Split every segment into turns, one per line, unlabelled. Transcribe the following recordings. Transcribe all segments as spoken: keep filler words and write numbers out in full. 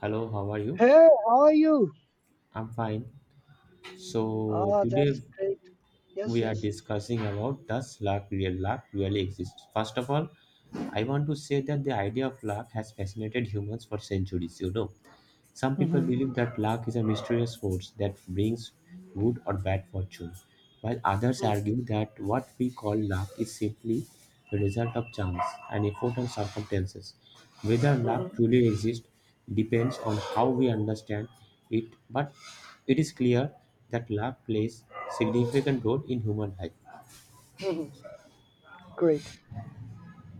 Hello, how are you?
Hey, how are you?
I'm fine. So
Ah,
today
that's great. Yes,
we are
yes.
discussing about does luck real luck really exist? First of all, I want to say that the idea of luck has fascinated humans for centuries, you know. Some people
Mhm,
believe that luck is a mysterious force that brings good or bad fortune, while others
mm,
argue that what we call luck is simply the result of chance and effort and circumstances. Whether luck
mhm,
truly exists depends on how we understand it, but it is clear that luck plays significant role in human life.
mhm. Great.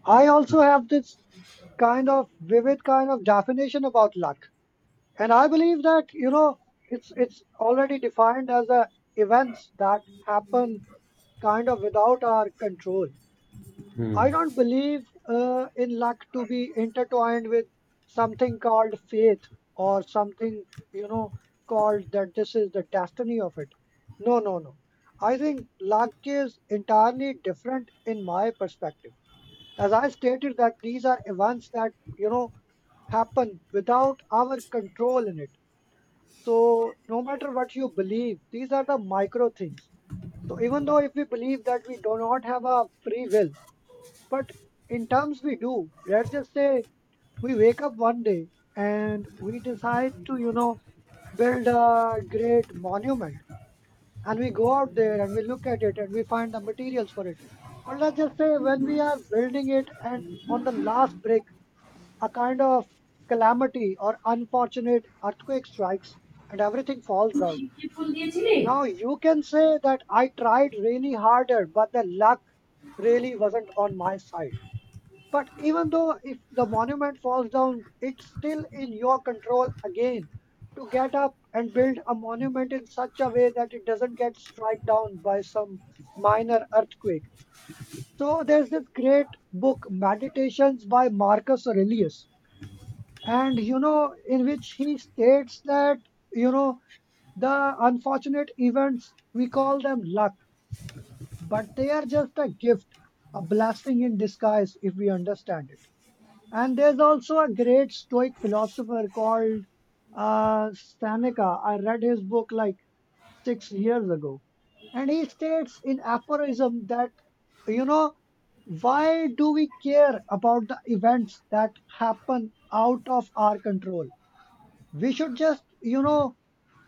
I also have this kind of vivid kind of definition about luck. And I believe that, you know, it's it's already defined as a events that happen kind of without our control.
Hmm.
I don't believe uh, in luck to be intertwined with something called faith or something, you know, called that this is the destiny of it. No, no, no. I think luck is entirely different in my perspective. As I stated, that these are events that, you know, happen without our control in it. So, no matter what you believe, these are the micro things. So, even though if we believe that we do not have a free will, but in terms, we do. Let's just say we wake up one day and we decide to, you know, build a great monument. And we go out there and we look at it and we find the materials for it. But let's just say when we are building it and on the last break, a kind of calamity or unfortunate earthquake strikes and everything falls down.
শিবকে ফুল দিয়েছিলি
Now you can say that I tried really harder, but the luck really wasn't on my side. But even though if the monument falls down, it's still in your control again to get up and build a monument in such a way that it doesn't get struck down by some minor earthquake. So there's this great book, Meditations by Marcus Aurelius, and you know, in which he states that, you know, the unfortunate events, we call them luck, but they are just a gift, a blessing in disguise if we understand it. And there's also a great Stoic philosopher called uh, Seneca. I read his book like six years ago. And he states in aphorism that, you know, why do we care about the events that happen out of our control? We should just, you know,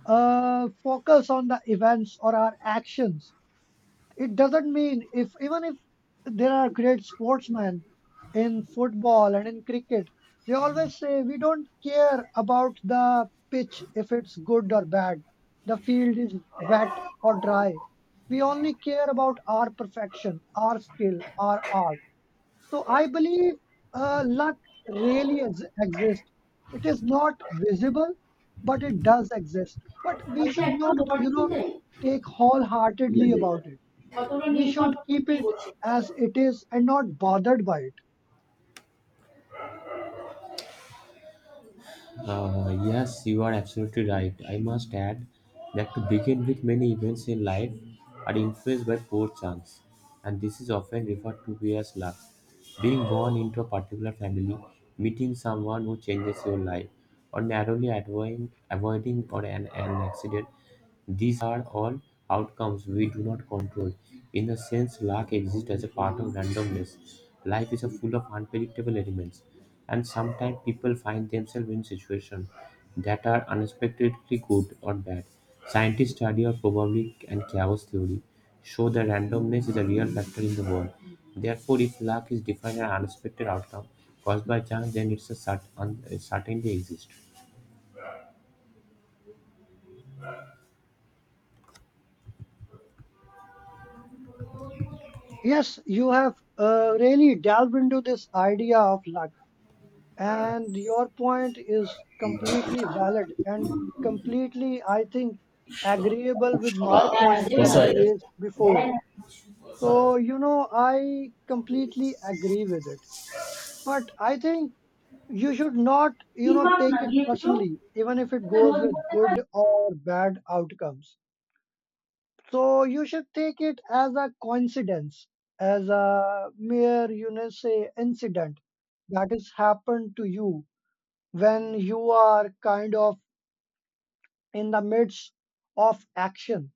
uh, focus on the events or our actions. It doesn't mean, if even if there are great sportsmen in football and in cricket, they always say we don't care about the pitch if it's good or bad, the field is wet or dry. We only care about our perfection, our skill, our art. So I believe uh, luck really ex- exists. It is not visible, but it does exist. But we
বাড়িতে
should
একটাও
not,
দোপাটি
you
full
know,
দেয়
take wholeheartedly about it.
কতগুলো
We
Nilkantha
should
full
keep
দিয়ে
it
বসে
as it is and not bothered by it.
Uh, yes, you are absolutely right. I must add that to begin with, many events in life are influenced by poor chance, and this is often referred to as luck. Being born into a particular family, meeting someone who changes your life, or narrowly avoiding, avoiding or an, an accident, these are all outcomes we do not control. In a sense, luck exists as a part of randomness. Life is a full of unpredictable elements, and sometimes people find themselves in situations that are unexpectedly good or bad. Scientists study of probability and chaos theory show that randomness is a real factor in the world. Therefore, if luck is defined as an unexpected outcome caused by chance, then it's a cert- un- certainly exists.
Yes, you have uh, really delved into this idea of luck, and your point is completely valid and completely, I think, agreeable with my points that I
That's
raised before. So, you know, I completely agree with it. But I think you should not, you know, take it
right.
personally, even if it goes with good or bad outcomes. So you should take it as a coincidence, as a mere, you know, say incident that has happened to you when you are kind of in the midst of action.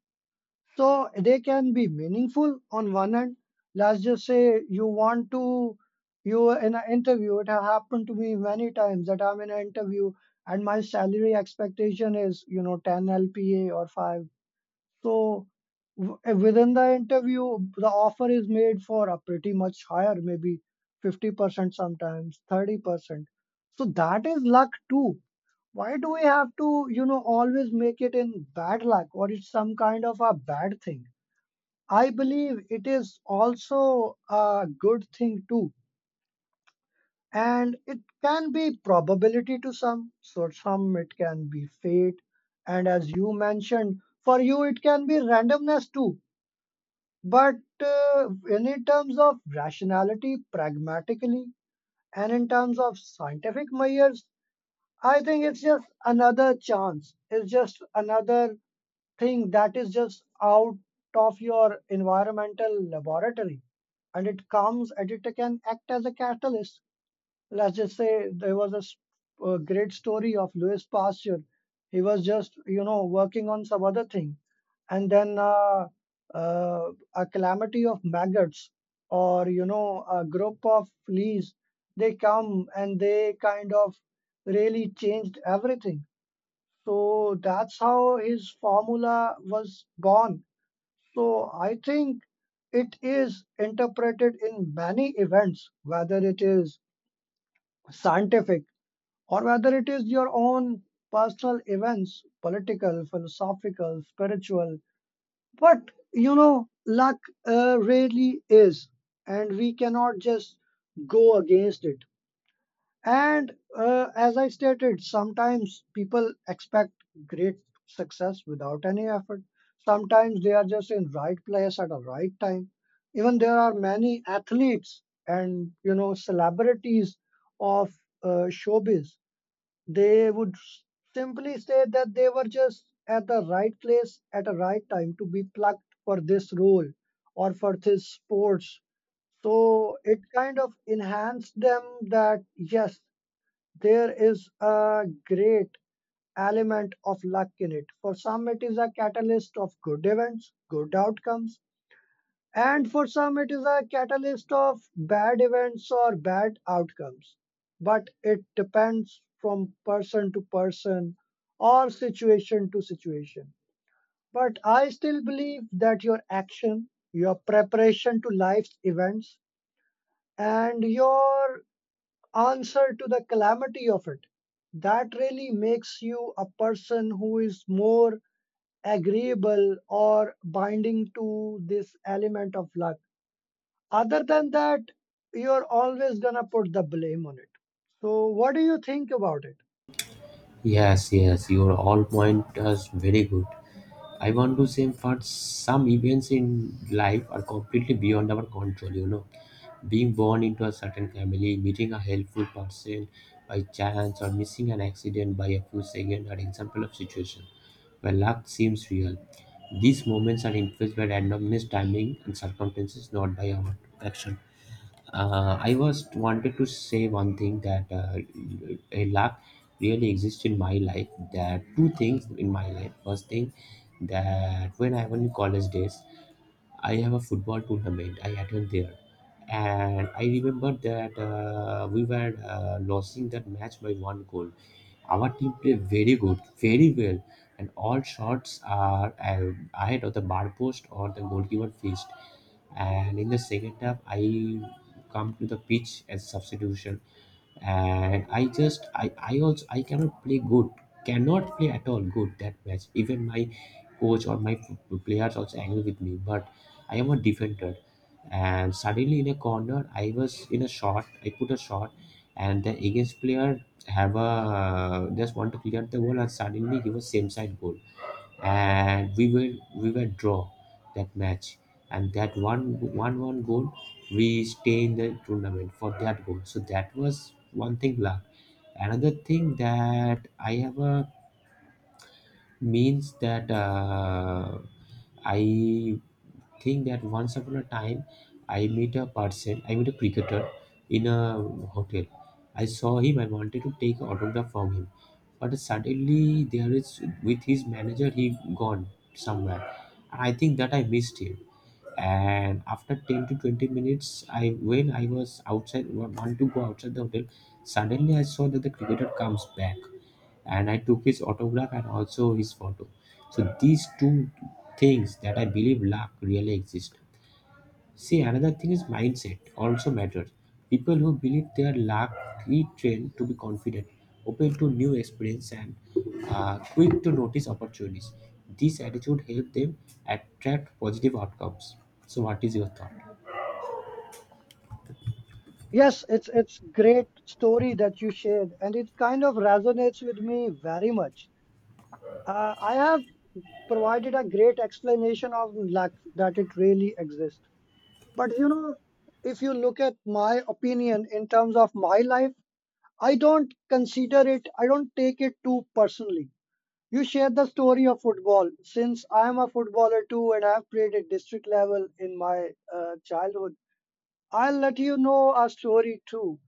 So they can be meaningful on one hand. Let's just say you want to, you were in an interview, it have happened to me many times that I'm in an interview and my salary expectation is, you know, ten L P A or five. So w- eh, within the interview, the offer is made for a pretty much higher, maybe fifty percent sometimes, thirty percent. So that is luck too. Why do we have to, you know, always make it in bad luck or it's some kind of a bad thing? I believe it is also a good thing too. And it can be probability to some, so some it can be fate. And as you mentioned, for you, it can be randomness too. But uh, in in terms of rationality, pragmatically, and in terms of scientific measures, I think it's just another chance. It's just another thing that is just out of your environmental laboratory. And it comes and it can act as a catalyst. Let's just say there was a, s- a great story of Louis Pasteur. He was just, you know, working on some other thing. And then uh, uh, a calamity of maggots or, you know, a group of fleas, they come and they kind of really changed everything. So that's how his formula was born. So I think it is interpreted in many events, whether it is scientific or whether it is your own personal events, political, philosophical, spiritual. But you know, luck uh, really is, and we cannot just go against it. And uh, as I stated, sometimes people expect great success without any effort. Sometimes they are just in right place at the right time. Even there are many athletes and you know celebrities of uh, showbiz, they would s- simply say that they were just at the right place at a right time to be plucked for this role or for this sports. So it kind of enhanced them that yes, there is a great element of luck in it. For some, it is a catalyst of good events, good outcomes. And for some, it is a catalyst of bad events or bad outcomes. But it depends from person to person or situation to situation. But I still believe that your action, your preparation to life's events, and your answer to the calamity of it, that really makes you a person who is more agreeable or binding to this element of luck. Other than that, you're always gonna put the blame on it. So what do you think about it?
Yes, yes, your all point is very good. I want to say for some events in life are completely beyond our control, you know. Being born into a certain family, meeting a helpful person by chance, or missing an accident by a few seconds are example of situation where luck seems real. These moments are influenced by randomness, timing, and circumstances, not by our action. Uh, I was wanted to say one thing that uh, a luck really exists in my life. There are two things in my life. First thing that when I was in college days, I have a football tournament. I attend there, and I remember that uh, we were uh, losing that match by one goal. Our team play very good, very well, and all shots are uh, ahead of the bar post or the goalkeeper faced. And in the second half, I come to the pitch as substitution, and I just i i also I cannot play good, cannot play at all good that match. Even my coach or my p- players also angry with me, but I am a defender. And suddenly in a corner I was in a shot, I put a shot, and the against player have a just want to clear the goal, and suddenly he was same side goal, and we were we were draw that match, and that one one one goal we stay in the tournament for that goal. So that was one thing luck. Another thing that I ever means that uh, I think that once upon a time i meet a person I meet a cricketer in a hotel. I saw him, I wanted to take autograph from him, but suddenly there is with his manager, he gone somewhere, and I think that I missed him. And after ten to twenty minutes, I when I was outside, wa- want to go outside the hotel, suddenly I saw that the cricketer comes back, and I took his autograph and also his photo. So these two things that I believe luck really exist. See, another thing is mindset also matters. People who believe they are lucky trained to be confident, open to new experience, and uh, quick to notice opportunities. This attitude helps them attract positive outcomes. So, what is your thought?
Yes, it's it's great story that you shared, and it kind of resonates with me very much. Uh, I have provided a great explanation of lack that it really exists. But you know, if you look at my opinion in terms of my life, I don't consider it. I don't take it too personally. You shared the story of football. Since I am a footballer too and I've played at district level in my uh, childhood, I'll let you know a story too.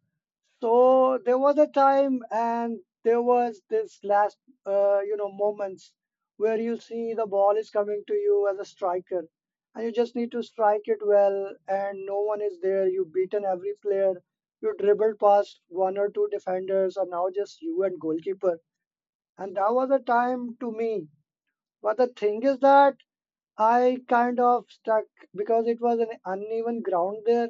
So there was a time, and there was this last, uh, you know, moments where you see the ball is coming to you as a striker and you just need to strike it well and no one is there. You've beaten every player. You dribbled past one or two defenders and now just you and goalkeeper. And that was a time to me, but the thing is that I kind of stuck because it was an uneven ground there,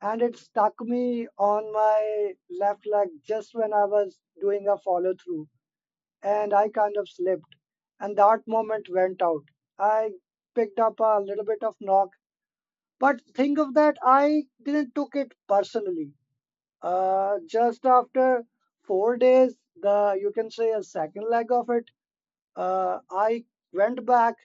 and it stuck me on my left leg just when I was doing a follow through, and I kind of slipped, and that moment went out. I picked up a little bit of knock, but think of that I didn't took it personally. Uh, just after four days, the you can say a second leg of it. Uh, I went back,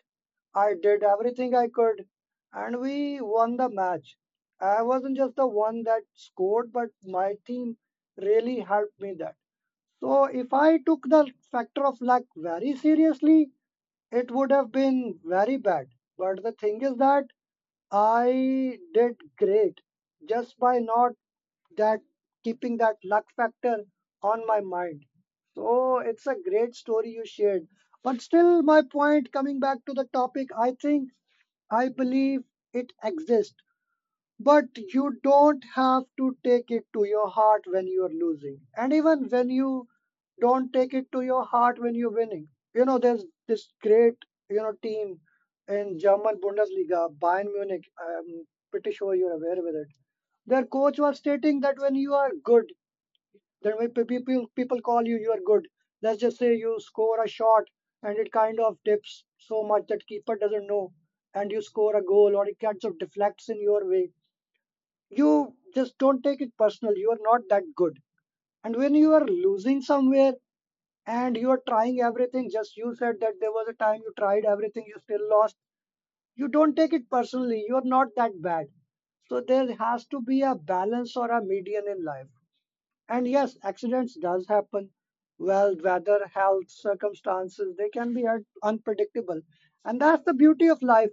I did everything I could, and we won the match. I wasn't just the one that scored, but my team really helped me that. So if I took the factor of luck very seriously, it would have been very bad. But the thing is that I did great just by not that keeping that luck factor on my mind. So it's a great story you shared. But still, my point coming back to the topic, I think I believe it exists. But you don't have to take it to your heart when you're losing. And even when you don't take it to your heart when you're winning. You know, there's this great, you know, team in German Bundesliga, Bayern Munich. I'm pretty sure you're aware with it. Their coach was stating that when you are good, then when pe- people people call you, you are good. Let's just say you score a shot and it kind of dips so much that keeper doesn't know, and you score a goal or it kind of deflects in your way. You just don't take it personal, you are not that good. And when you are losing somewhere and you are trying everything, just you said that there was a time you tried everything, you still lost. You don't take it personally, you are not that bad. So there has to be a balance or a median in life. And yes, accidents does happen. Well, weather, health, circumstances, they can be un- unpredictable. And that's the beauty of life.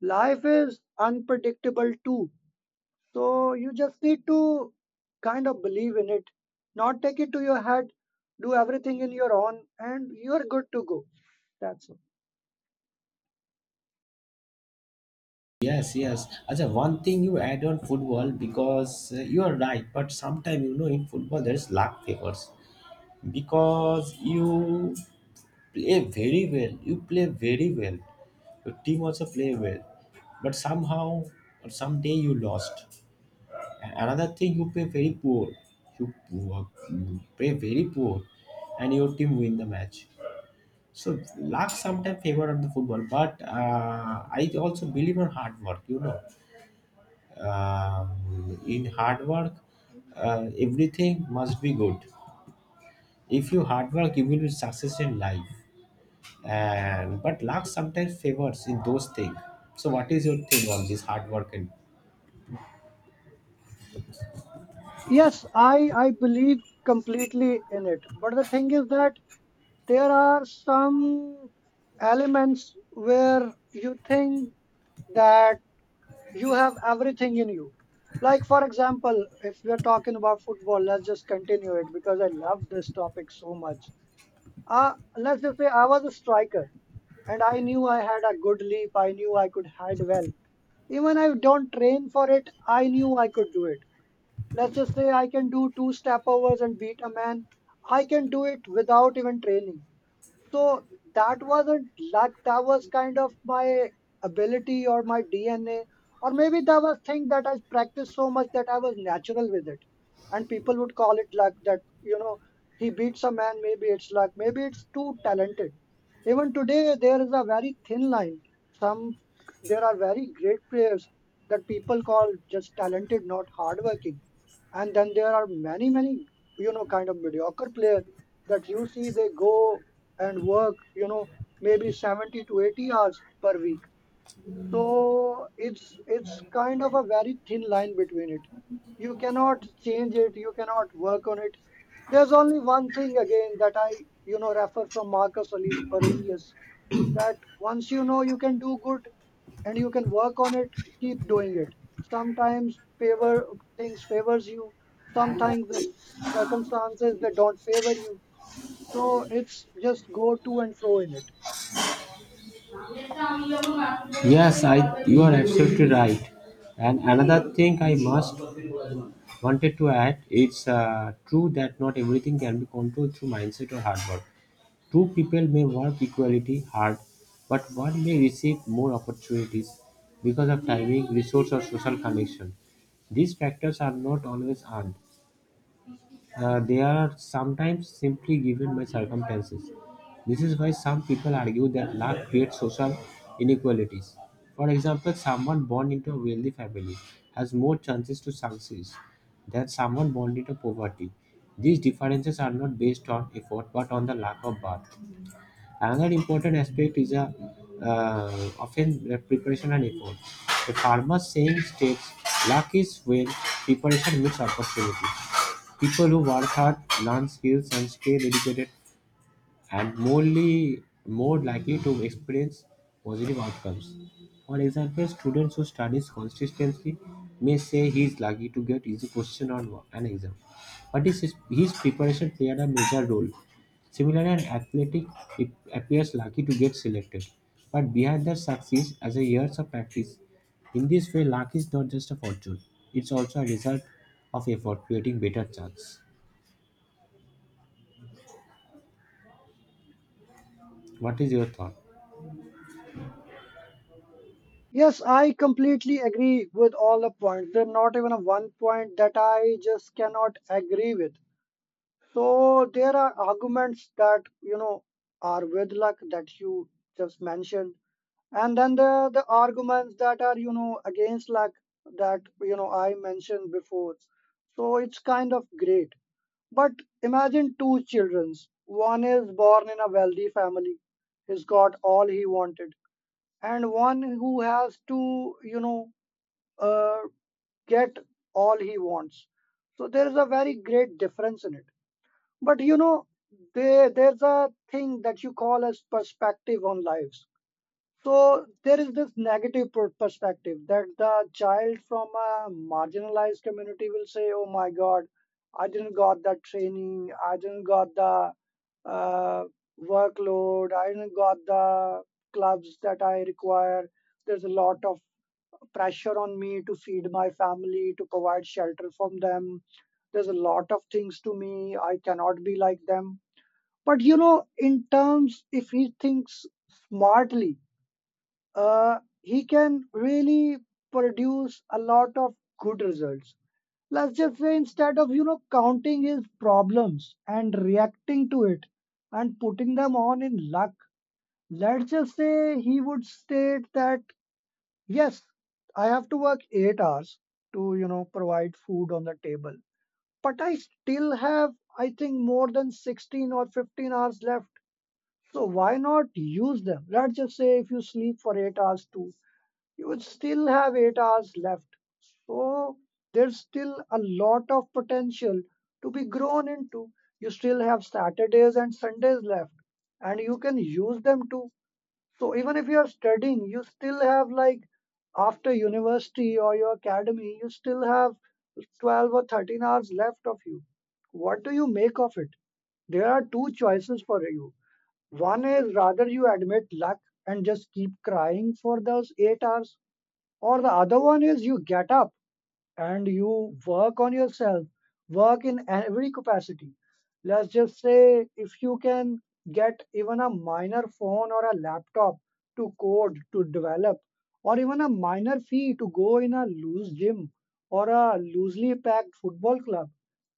Life is unpredictable too. So you just need to kind of believe in it, not take it to your head, do everything in your own, and you're good to go. That's all.
Yes, yes. As a one thing you add on football because uh, you are right, but sometimes you know in football there is luck favors because you play very well. You play very well, your team also play well, but somehow or someday you lost. And another thing you play very poor, you, poor- you play very poor, and your team win the match. So luck sometimes favor on the football, but uh, I also believe on hard work. You know um, in hard work, uh, everything must be good. If you hard work you will be success in life, and but luck sometimes favors in those things. So what is your thing on this hard work and
Yes, I, I believe completely in it. But the thing is that there are some elements where you think that you have everything in you. Like, for example, if we're talking about football, let's just continue it because I love this topic so much. Uh, let's just say I was a striker and I knew I had a good leap. I knew I could head well. Even I don't train for it, I knew I could do it. Let's just say I can do two step overs and beat a man. I can do it without even training. So that wasn't luck. That was kind of my ability or my D N A, or maybe that was thing that I practiced so much that I was natural with it. And people would call it luck that, you know, he beats a man, maybe it's luck, maybe it's too talented. Even today, there is a very thin line. Some There are very great players that people call just talented, not hardworking. And then there are many, many, you know, kind of mediocre players that you see they go and work, you know, maybe seventy to eighty hours per week. So it's it's kind of a very thin line between it. You cannot change it, you cannot work on it. There's only one thing again that I, you know, refer from Marcus Aurelius, that once you know you can do good and you can work on it, keep doing it. Sometimes favor things favors you, sometimes the circumstances that don't favor you. So it's just go to and fro in it.
Yes, I, you are absolutely right. And another thing I must wanted to add, it's uh, true that not everything can be controlled through mindset or hard work. Two people may work equality hard, but one may receive more opportunities because of timing, resource, or social connection. These factors are not always earned, uh, they are sometimes simply given by circumstances. This is why some people argue that luck creates social inequalities. For example, someone born into a wealthy family has more chances to succeed than someone born into poverty. These differences are not based on effort but on the lack of birth. Another important aspect is a, uh, often the preparation and effort. The farmer's saying states luck is when preparation meets opportunity. People who work hard, learn skills, and stay dedicated and morely more likely to experience positive outcomes. For example, students who studies consistently may say he is lucky to get easy question on wo- an exam, but his, his preparation played a major role. Similarly, an athletic it appears lucky to get selected, but behind that success as a years of practice. In this way, luck is not just a fortune; it's also a result of effort, creating better chance. What is your thought?
Yes, I completely agree with all the points. There's not even a one point that I just cannot agree with. So there are arguments that you know are with luck that you just mentioned, and then the the arguments that are you know against, like, that you know I mentioned before. So it's kind of great. But imagine two children. One is born in a wealthy family, he's got all he wanted, and one who has to you know uh, get all he wants. So there is a very great difference in it. But you know there there's a thing that you call as perspective on lives. So there is this negative per- perspective that the child from a marginalized community will say, "Oh my God, I didn't got that training. I didn't got the uh, workload. I didn't got the clubs that I require. There's a lot of pressure on me to feed my family, to provide shelter from them. There's a lot of things to me. I cannot be like them." But you know, in terms, if he thinks smartly, uh, he can really produce a lot of good results. Let's just say, instead of you know counting his problems and reacting to it and putting them on in luck, let's just say he would state that yes, I have to work eight hours to you know provide food on the table, but I still have, I think, more than sixteen or fifteen hours left. So why not use them? Let's just say if you sleep for eight hours too, you would still have eight hours left. So there's still a lot of potential to be grown into. You still have Saturdays and Sundays left, and you can use them too. So even if you're studying, you still have, like, after university or your academy, you still have twelve or thirteen hours left of you. What do you make of it? There are two choices for you. One is rather you admit luck and just keep crying for those eight hours, or the other one is you get up and you work on yourself, work in every capacity. Let's just say if you can get even a minor phone or a laptop to code, to develop, or even a minor fee to go in a loose gym or a loosely packed football club,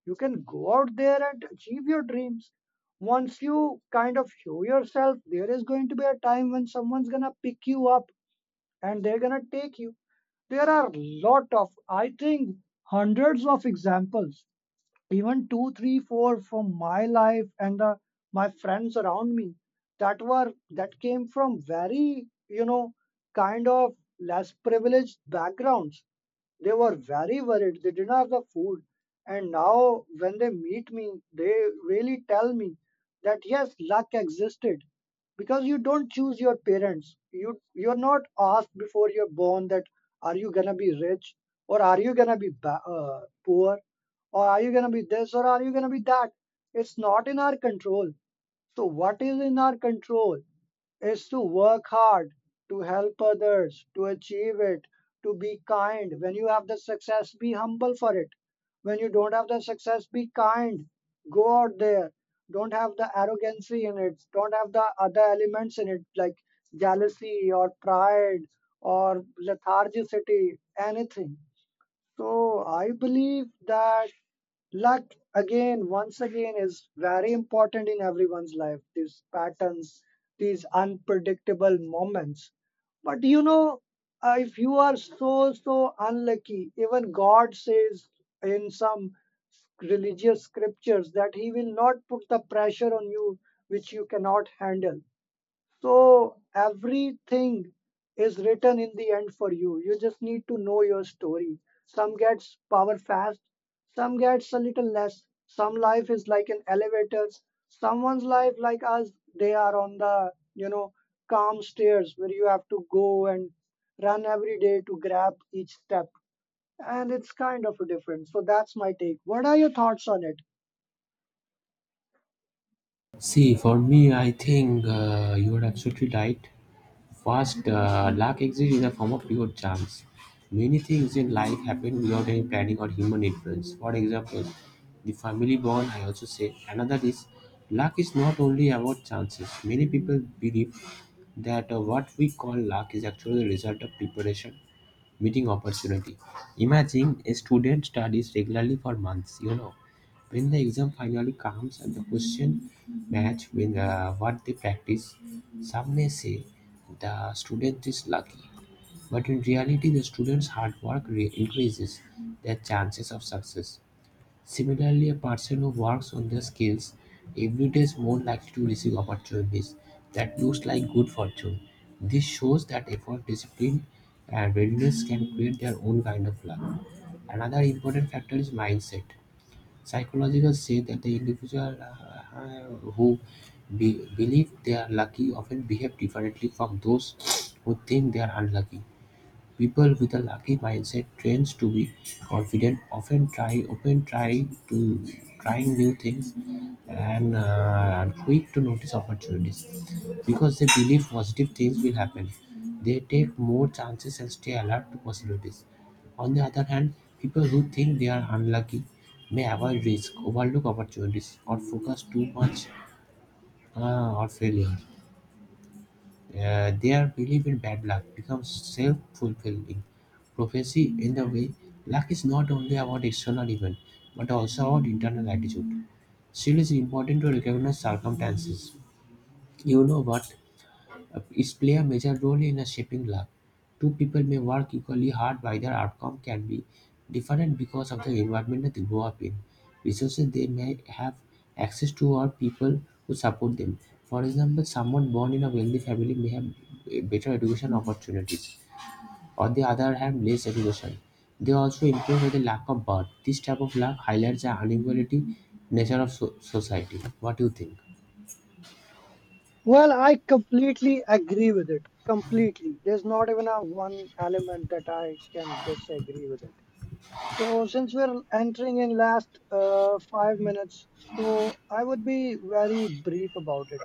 you can go out there and achieve your dreams. Once you kind of show yourself, there is going to be a time when someone's going to pick you up and they're gonna take you. There are lot of, I think, hundreds of examples, even two, three, four from my life and uh, my friends around me that were that came from very, you know, kind of less privileged backgrounds. They were very worried. They didn't have the food. And now, when they meet me, they really tell me that yes, luck existed, because you don't choose your parents. You you're not asked before you're born that are you gonna be rich, or are you gonna be ba- uh, poor, or are you gonna be this, or are you gonna be that. It's not in our control. So what is in our control is to work hard, to help others, to achieve it, to be kind. When you have the success, be humble for it. When you don't have the success, be kind. Go out there. Don't have the arrogancy in it. Don't have the other elements in it, like jealousy or pride or lethargicity, anything. So I believe that luck, again, once again, is very important in everyone's life. These patterns, these unpredictable moments. But you know, uh, if you are so, so unlucky, even God says in some religious scriptures that He will not put the pressure on you which you cannot handle. So everything is written in the end for you. You just need to know your story. Some gets power fast, some gets a little less. Some life is like an elevator. Someone's life, like us, they are on the, you know, calm stairs where you have to go and run every day to grab each step. And it's kind of different. So that's my take. What are your thoughts on it?
See, for me, I think uh, you are absolutely right. First, uh, luck exists in the form of pure chance. Many things in life happen without any planning or human influence. For example, the family bond, I also say. Another is luck is not only about chances. Many people believe that uh, what we call luck is actually the result of preparation meeting opportunity. Imagine a student studies regularly for months, you know. When the exam finally comes and the question match with uh, what they practice, some may say the student is lucky. But in reality, the student's hard work re- increases their chances of success. Similarly, a person who works on their skills everyday is more likely to receive opportunities that looks like good fortune. This shows that effort, discipline, and readiness can create their own kind of luck. Another important factor is mindset. Psychologists say that the individual uh, who be- believe they are lucky often behave differently from those who think they are unlucky. People with a lucky mindset trains to be confident, often try open try to trying new things, and uh, are quick to notice opportunities because they believe positive things will happen. They take more chances and stay alert to possibilities. On the other hand, people who think they are unlucky may avoid risk, overlook opportunities, or focus too much uh, on failure. Uh, their belief in bad luck becomes self-fulfilling prophecy. In the way luck is not only about external event but also about internal attitude, still it's important to recognize circumstances, you know what is play a major role in shaping luck. Two people may work equally hard, but their outcome can be different because of the environment that they grow up in, resources they may have access to, or people who support them. For example, someone born in a wealthy family may have eh, better education opportunities; on the other hand, less education. They also improve with the lack of birth. This type of luck highlights the inequality nature of so- society. What do you think?
Well, I completely agree with it. Completely. There's not even a one element that I can disagree with it. So, since we're entering in last uh, five minutes, so I would be very brief about it.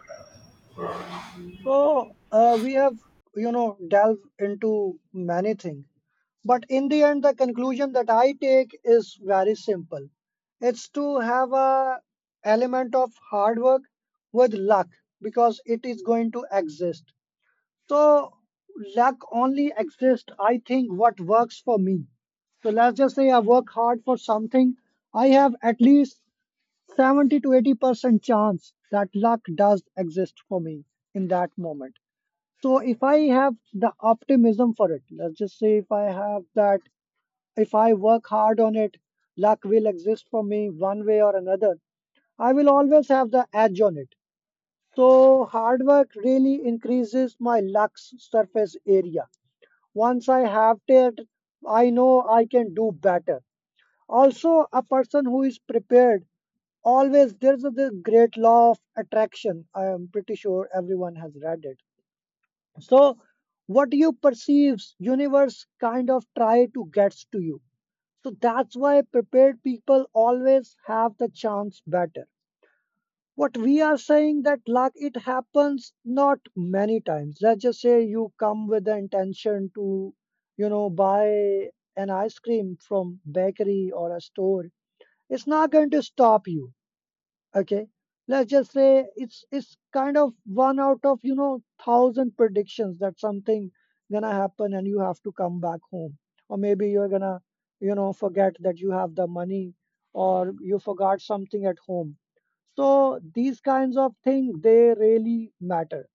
So, uh, we have, you know, delved into many things. But in the end, the conclusion that I take is very simple. It's to have a element of hard work with luck, because it is going to exist. So luck only exists, I think, what works for me. So let's just say I work hard for something, I have at least seventy to eighty percent chance that luck does exist for me in that moment. So if I have the optimism for it, let's just say if I have that, if I work hard on it, luck will exist for me one way or another. I will always have the edge on it. So hard work really increases my lux surface area. Once I have it, I know I can do better. Also, a person who is prepared always, there's a the great law of attraction. I am pretty sure everyone has read it. So what you perceives, universe kind of try to gets to you. So that's why prepared people always have the chance better, what we are saying, that luck, it happens not many times. Let's just say you come with the intention to you know buy an ice cream from bakery or a store. It's not going to stop you. Okay, let's just say it's it's kind of one out of you know thousand predictions that something gonna happen and you have to come back home, or maybe you're gonna you know forget that you have the money, or you forgot something at home. So these kinds of things they really matter.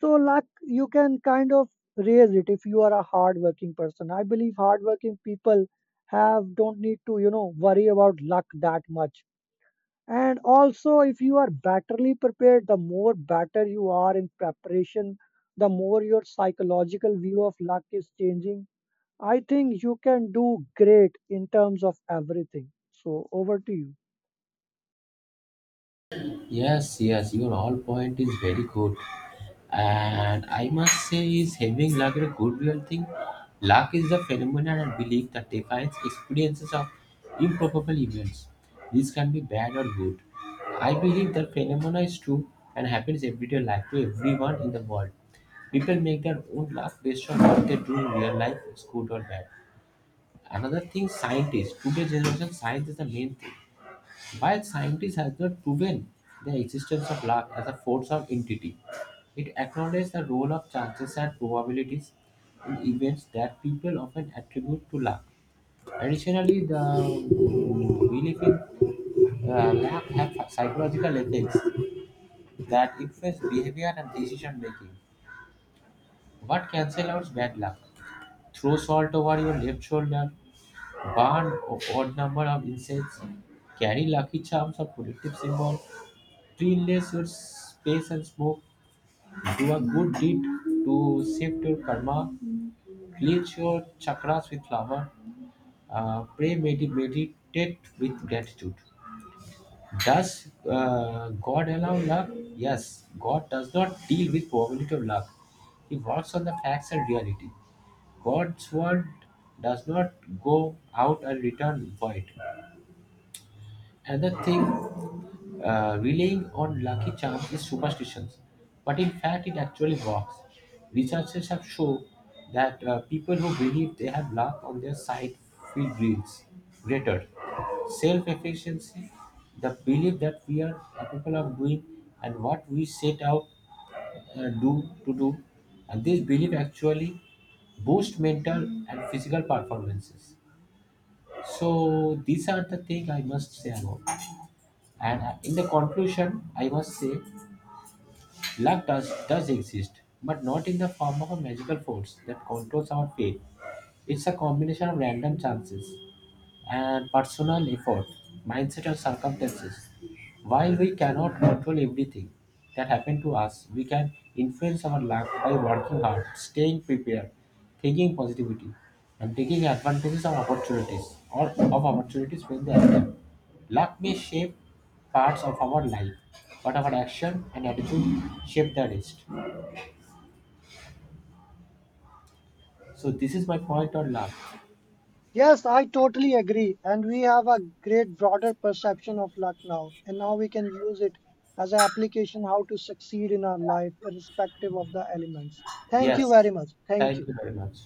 So luck you can kind of raise it if you are a hardworking person. I believe hardworking people have don't need to you know worry about luck that much. And also, if you are batterly prepared, the more better you are in preparation, the more your psychological view of luck is changing. I think you can do great in terms of everything. So, over to you.
Yes, yes, your all point is very good. And I must say, is having luck a goodwill thing? Luck is the phenomenon and belief that defines experiences of improbable events. This can be bad or good. I believe that phenomenon is true and happens everyday life to everyone in the world. People make their own luck based on what they do in real life, it's good or bad. Another thing, scientists. Today's generation, science is the main thing. While scientists have not proven the existence of luck as a force or entity, it acknowledges the role of chances and probabilities in events that people often attribute to luck. Additionally, the mm, belief in uh, luck have psychological effects that influence behavior and decision making. What cancel out bad luck? Throw salt over your left shoulder, burn o- odd number of incense, carry lucky charms or protective symbol, cleanliness, your space and smoke, do a good deed to shift your karma, cleanse your chakras with flower. Uh, pray, medi- meditate with gratitude. Does uh, God allow luck? Yes. God does not deal with probability of luck. He works on the facts and reality. God's word does not go out and return void. Another thing, uh, relying on lucky charms is superstition, but in fact, it actually works. Researchers have shown that uh, people who believe they have luck on their side feel dreams greater self efficiency, the belief that we are capable of doing and what we set out uh, do to do, and this belief actually boosts mental and physical performances. So these are the things I must say about. And uh, in the conclusion, I must say luck does, does exist, but not in the form of a magical force that controls our fate. It's a combination of random chances, and personal effort, mindset, and circumstances. While we cannot control everything that happened to us, we can influence our luck by working hard, staying prepared, thinking positivity, and taking advantages of opportunities or of opportunities when they appear. Luck may shape parts of our life, but our action and attitude shape the rest. So this is my point on luck.
Yes, I totally agree. And we have a great broader perception of luck now. And now we can use it as an application how to succeed in our life, irrespective of the elements. Thank you
Yes.
very much. Thank
Thank
you.
you very much.